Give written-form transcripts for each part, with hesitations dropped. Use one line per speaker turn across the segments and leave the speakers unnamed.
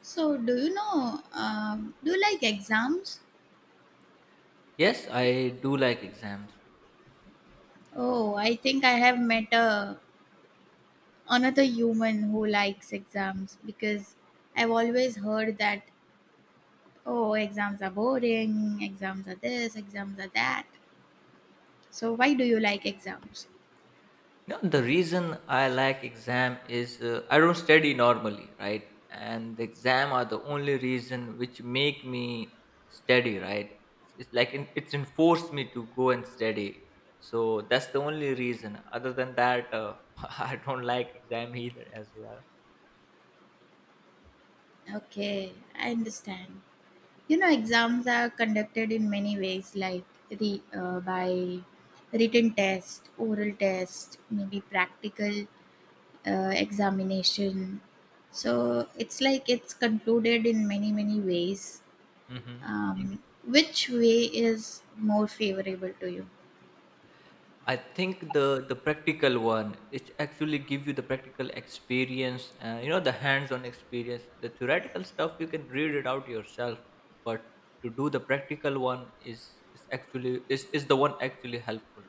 So, do you know, do you like exams?
Yes, I do like exams.
Oh, I think I have met another human who likes exams because I've always heard that oh, exams are boring, exams are this, exams are that. So, why do you like exams?
No, the reason I like exam is I don't study normally, right? And the exam are the only reason which make me study, right? It's like it's enforced me to go and study. So that's the only reason. Other than that, I don't like exam either as well.
Okay, I understand. You know, exams are conducted in many ways, like by written test, oral test, maybe practical examination, so it's like it's concluded in many ways.
Hmm.
Which way is more favorable to you?
I think the practical one it actually give you the practical experience, the hands-on experience. The theoretical stuff you can read it out yourself, but to do the practical one is actually is the one actually helpful.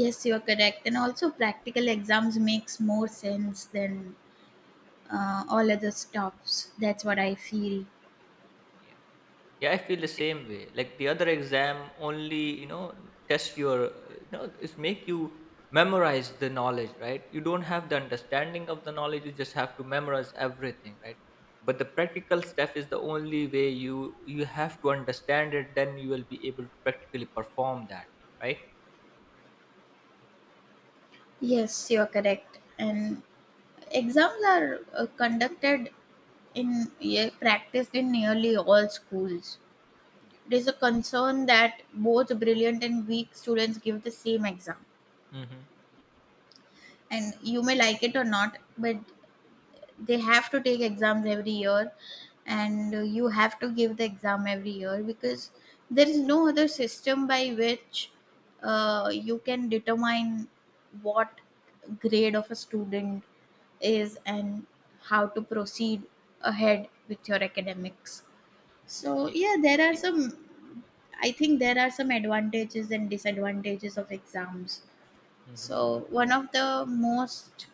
Yes, you are correct, and also practical exams makes more sense than all other stuffs. That's what I feel.
Yeah. Yeah, I feel the same way. Like the other exam only, you know, test your, is make you memorize the knowledge, right? You don't have the understanding of the knowledge. You just have to memorize everything, right? But the practical stuff is the only way you have to understand it. Then you will be able to practically perform that, right?
Yes, you are correct, and exams are conducted in, yeah, practiced in nearly all schools.
Yeah.
It is a concern that both brilliant and weak students give the same exam, and you may like it or not, but they have to take exams every year, and you have to give the exam every year, because there is no other system by which you can determine what grade of a student is and how to proceed ahead with your academics. So yeah, there are some advantages and disadvantages of exams. So
Mm-hmm.
one of the most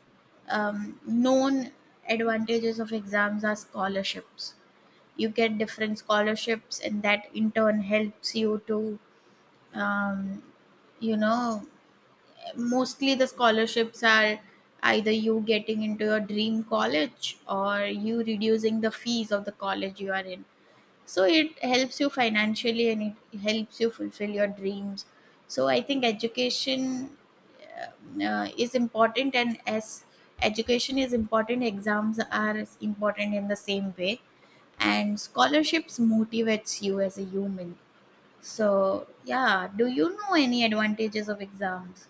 known advantages of exams are scholarships. You get different scholarships, and that in turn helps you to, um, you know, mostly the scholarships are either you getting into your dream college or you reducing the fees of the college you are in. So it helps you financially and it helps you fulfill your dreams. So I think education is important, and as education is important, exams are important in the same way, and scholarships motivates you as a human. So yeah, do you know any advantages of exams?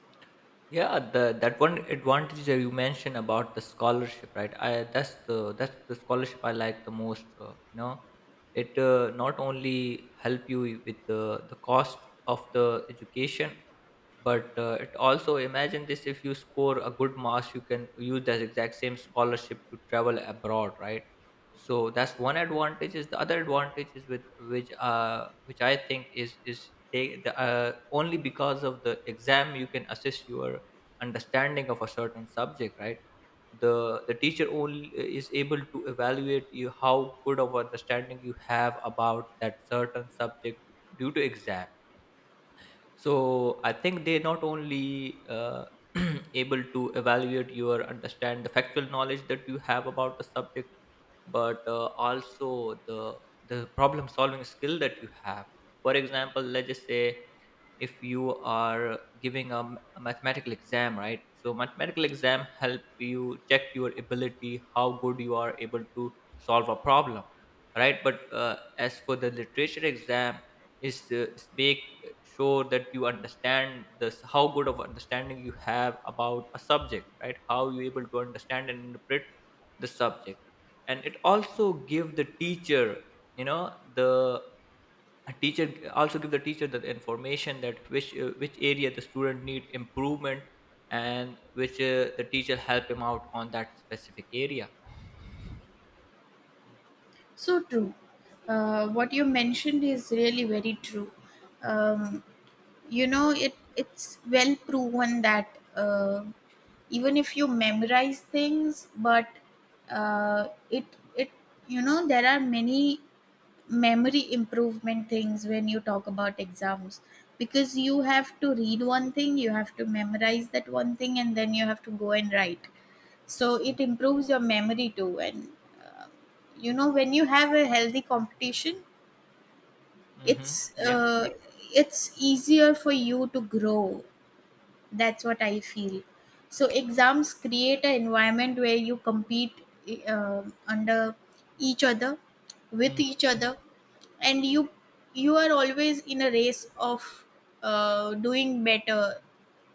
Yeah, the that one advantage that you mentioned about the scholarship, right? I that's the scholarship I like the most. It not only help you with the cost of the education, but it also imagine this, if you score a good marks you can use that exact same scholarship to travel abroad, right? So that's one advantage. Is the other advantage is with which I think is the, only because of the exam you can assess your understanding of a certain subject, right? The teacher only is able to evaluate you how good of understanding you have about that certain subject due to exam. So I think they not only able to evaluate your understand the factual knowledge that you have about the subject, but also the problem solving skill that you have. For example, let's just say if you are giving a mathematical exam, right? So mathematical exam help you check your ability how good you are able to solve a problem, right? But as for the literature exam is to make sure that you understand this, how good of understanding you have about a subject, right? How you able to understand and interpret the subject. And it also give the teacher, you know, the also give the teacher the information that which area the student need improvement, and which the teacher help him out on that specific area.
So true. What you mentioned is really very true. um, you know, it's well proven that even if you memorize things, but it it you know, there are many memory improvement things when you talk about exams, because you have to read one thing, you have to memorize that one thing, and then you have to go and write. So it improves your memory too. And uh, you know, when you have a healthy competition,
Mm-hmm.
it's
Yeah.
uh, it's easier for you to grow. That's what I feel. So exams create an environment where you compete under each other with
Mm-hmm.
each other, and you are always in a race of doing better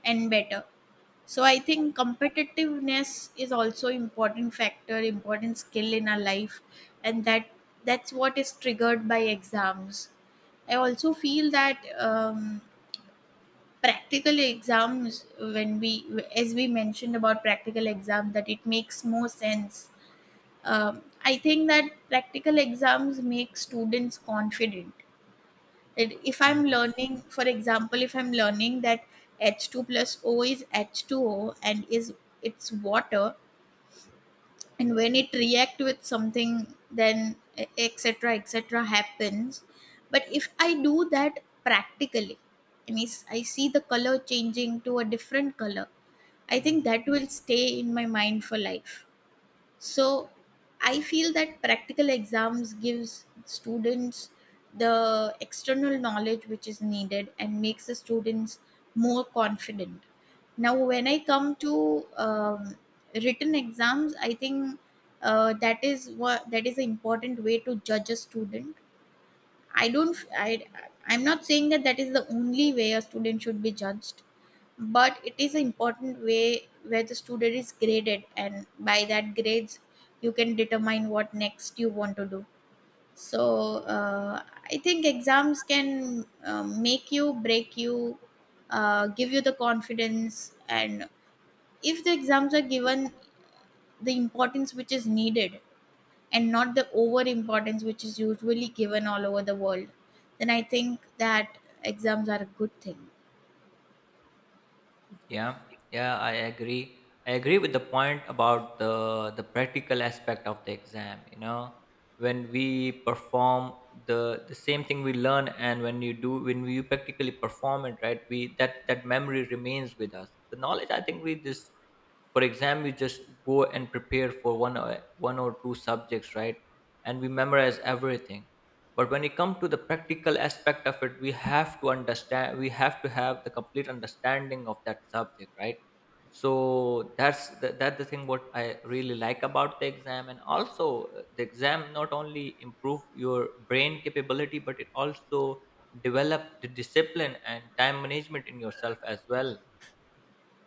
and better. So I think competitiveness is also important factor, important skill in our life, and that's what is triggered by exams. I also feel that practical exams, when we mentioned about practical exam that it makes more sense. I think that practical exams make students confident that if I'm learning, for example, if I'm learning that h2 plus o is h2o and is it's water, and when it react with something, then etc etc happens. But if I do that practically, I see the color changing to a different color. I think
Hmm.
that will stay in my mind for life. So I feel that practical exams gives students the external knowledge which is needed and makes the students more confident. Now, when I come to written exams, I think that is an important way to judge a student. I don't. I I'm not saying that that is the only way a student should be judged, but it is an important way where the student is graded, and by that grades you can determine what next you want to do. So I think exams can make you, break you, give you the confidence. And if the exams are given the importance which is needed, and not the over importance which is usually given all over the world, then I think that exams are a good thing.
Yeah. Yeah, I agree. I agree with the point about the practical aspect of the exam, you know, when we perform the same thing we learn, and when you do when we practically perform it, right? We that memory remains with us, the knowledge I think we this for exam we just go and prepare for one or two subjects, right? And we memorize everything. But when it comes to the practical aspect of it, we have to understand, we have to have the complete understanding of that subject, right? So that's the thing what I really like about the exam. And also the exam not only improve your brain capability, but it also develop the discipline and time management in yourself as well,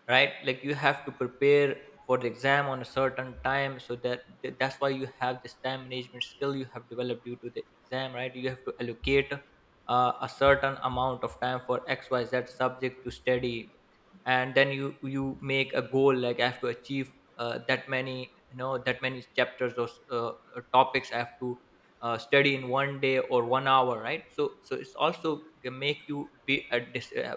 right? Like you have to prepare for the exam on a certain time so that's why you have this time management skill you have developed due to the exam, right? You have to allocate a certain amount of time for XYZ subject to study. And then you make a goal like I have to achieve that many, you know, that many chapters or uh, topics I have to study in one day or one hour, right? So it's also make you be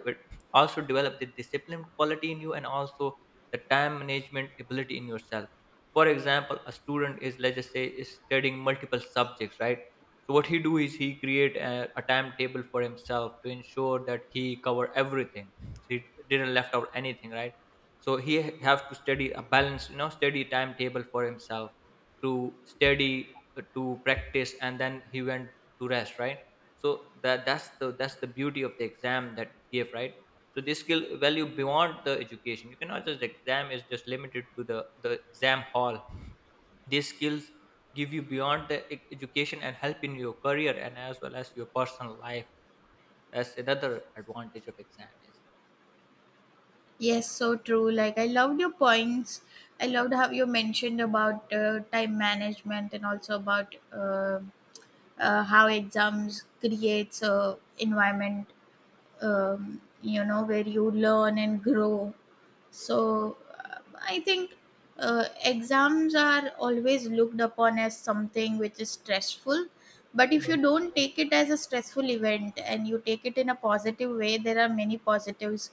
also develop the discipline quality in you, and also the time management ability in yourself. For example, a student is, let's just say, is studying multiple subjects, right? So what he do is he create a timetable for himself to ensure that he cover everything so he didn't left out anything, right? So he have to study a balanced, you know, study timetable for himself to study, to practice, and then he went to rest, right? So that's the beauty of the exam that it gave, right? So they skill value beyond the education. You cannot just the exam is just limited to the exam hall. These skills give you beyond the education and help in your career and as well as your personal life. That's another advantage of exam is.
Yes, so true. Like, I loved your points. I loved how you mentioned about time management and also about how exams creates a environment, you know, where you learn and grow. So I think exams are always looked upon as something which is stressful, but if you
Mhm.
don't take it as a stressful event and you take it in a positive way, there are many positives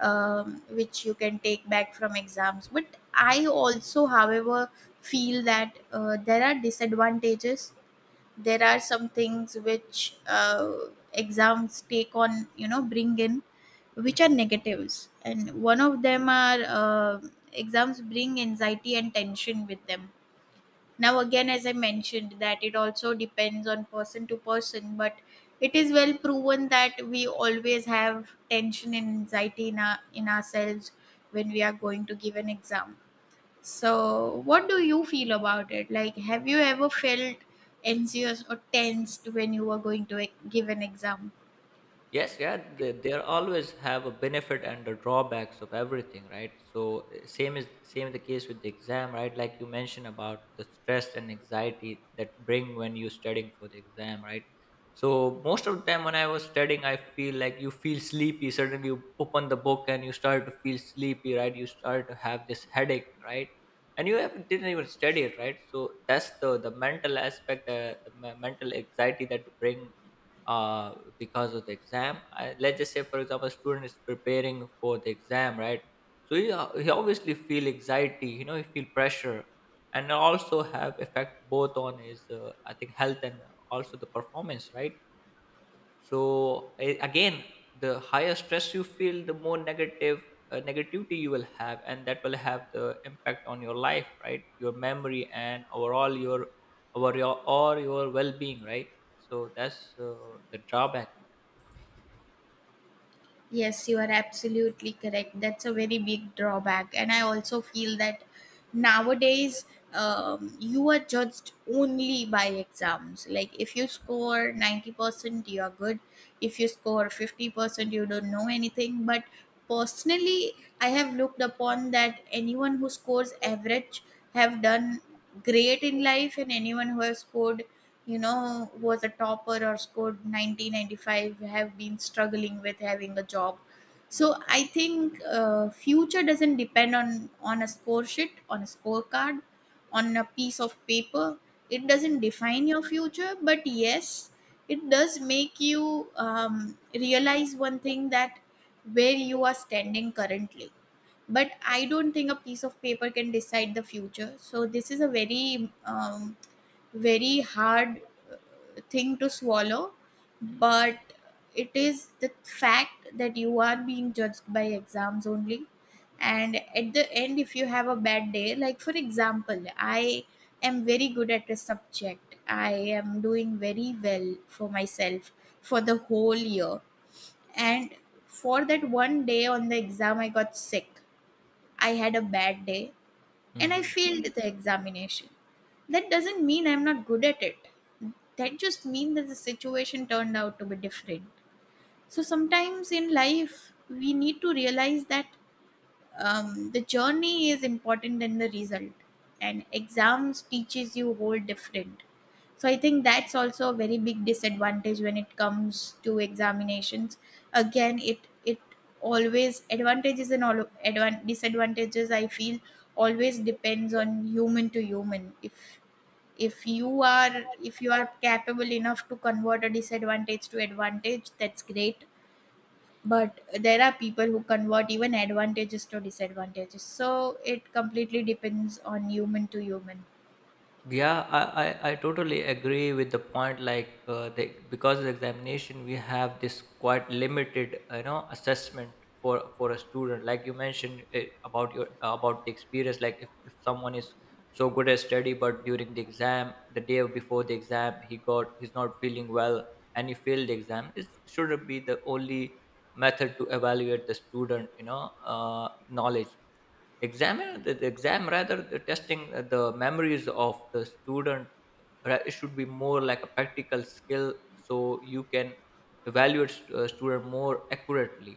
which you can take back from exams. But I also however feel that there are disadvantages. There are some things which exams take on, you know, bring in, which are
Mhm.
negatives. And
Mhm.
one of them are, exams bring anxiety and tension with them. Now again, as I mentioned, that it also depends on person to person, but it is well proven that we always have tension and anxiety in ourselves when we are going to give an exam. So, what do you feel about it? Like, have you ever felt anxious or tensed when you were going to give an exam?
Yes, yeah, they always have a benefit and the drawbacks of everything, right? So same is same the case with the exam, right? Like you mentioned about the stress and anxiety that bring when you're studying for the exam, right? So most of the time when I was studying, I feel like you feel sleepy. Suddenly you open the book and you start to feel sleepy, right? You start to have this headache, right? And you have, didn't even study it, right? So that's the mental aspect, mental anxiety that bring because of the exam. I, let's just say, for example, a student is preparing for the exam, right? So he obviously feel anxiety, you know, he feel pressure, and also have effect both on his, I think, health and also the performance, right? So again, the higher stress you feel, the more negative negativity you will have, and that will have the impact on your life, right? Your memory and overall your over your or your well-being, right? So that's the drawback.
Yes, you are absolutely correct. That's a very big drawback. And I also feel that nowadays you are judged only by exams. Like if you score 90%, you are good. If you score 50%, you don't know anything. But personally, I have looked upon that anyone who scores average have done great in life, and anyone who has scored, you know, was a topper or scored 1995, have been struggling with having a job. So I think future doesn't depend on a score sheet, on a scorecard, on a piece of paper. It doesn't define your future, but yes, it does make you realize one thing, that where you are standing currently. But I don't think a piece of paper can decide the future. So this is a very very hard thing to swallow, but it is the fact that you are being judged by exams only. And at the end, if you have a bad day, like for example, I am very good at a subject, I am doing very well for myself for the whole year. And for that one day on the exam, I got sick. I had a bad day, and I
Mhm.
failed the examination. That doesn't mean I'm not good at it. That just means that the situation turned out to be different. So sometimes in life, we need to realize that the journey is important than the result, and exams teaches you whole different. So I think that's also a very big disadvantage when it comes to examinations. Again, it always advantages and all disadvantages, I feel, always depends on human to human. If if you are capable enough to convert a disadvantage to advantage, that's great. But there are people who convert even advantages to disadvantages. So it completely depends on human to human.
Yeah, I totally agree with the point. Like, they, because of the examination, we have this quite limited, you know, assessment for a student. Like you mentioned about your about the experience. Like, if someone is so good at study, but during the exam, the day before the exam, he's not feeling well and he failed the exam. It shouldn't be the only method to evaluate the student, you know, knowledge examine the exam, rather the testing the memories of the student. It should be more like a practical skill so you can evaluate student more accurately.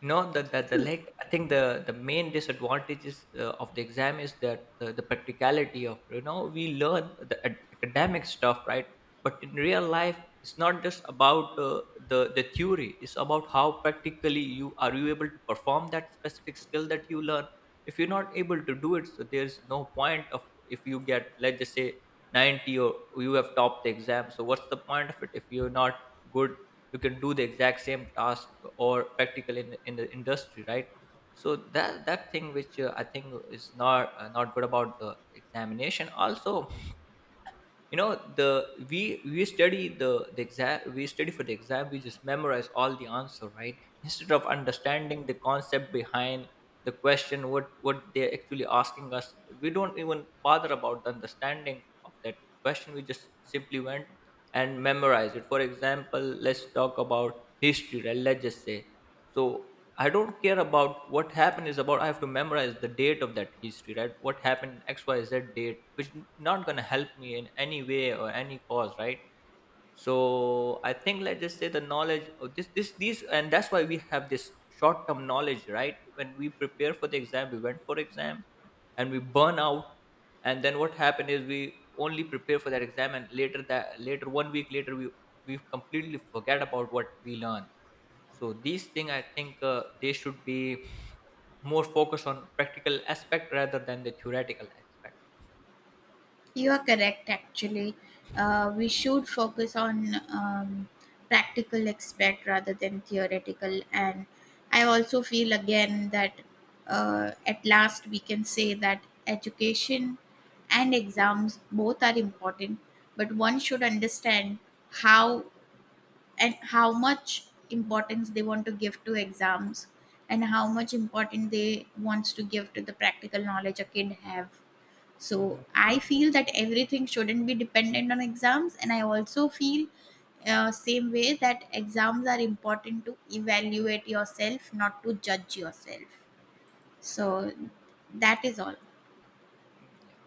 No, the like I think the main disadvantages of the exam is that the practicality of, you know, we learn the academic stuff, right, but in real life it's not just about the theory. It's about how practically you are you able to perform that specific skill that you learn. If you're not able to do it, so there's no point of if you get, let's just say, 90 or you have topped the exam. So what's the point of it if you're not good you can do the exact same task or practical in the industry, right? So that thing which I think is not good about the examination. Also, you know, the we study the exam, we study for the exam, we just memorize all the answer, right, instead of understanding the concept behind the question, what they're actually asking us. We don't even bother about the understanding of that question. We just simply went and memorize it. For example, let's talk about history, right? Let's just say so I don't care about what happened is about. I have to memorize the date of that history, right? What happened XYZ date, which not gonna help me in any way or any cause, right? So I think, let's just say, the knowledge of these, and that's why we have this short-term knowledge, right? When we prepare for the exam, we went for exam, and we burn out, and then what happened is we only prepare for that exam, and later that later one week later we completely forget about what we learn. So these things I think they should be more focused on practical aspect rather than the theoretical aspect.
You are correct, actually. We should focus on practical aspect rather than theoretical. And I also feel again that at last we can say that education and exams both are important, but one should understand how and how much importance they want to give to exams, and how much important they wants to give to the practical knowledge a kid have. So
Mhm.
I feel that everything shouldn't be dependent on exams, and I also feel same way, that exams are important to evaluate yourself, not to judge yourself. So that is all.
Mm, yeah.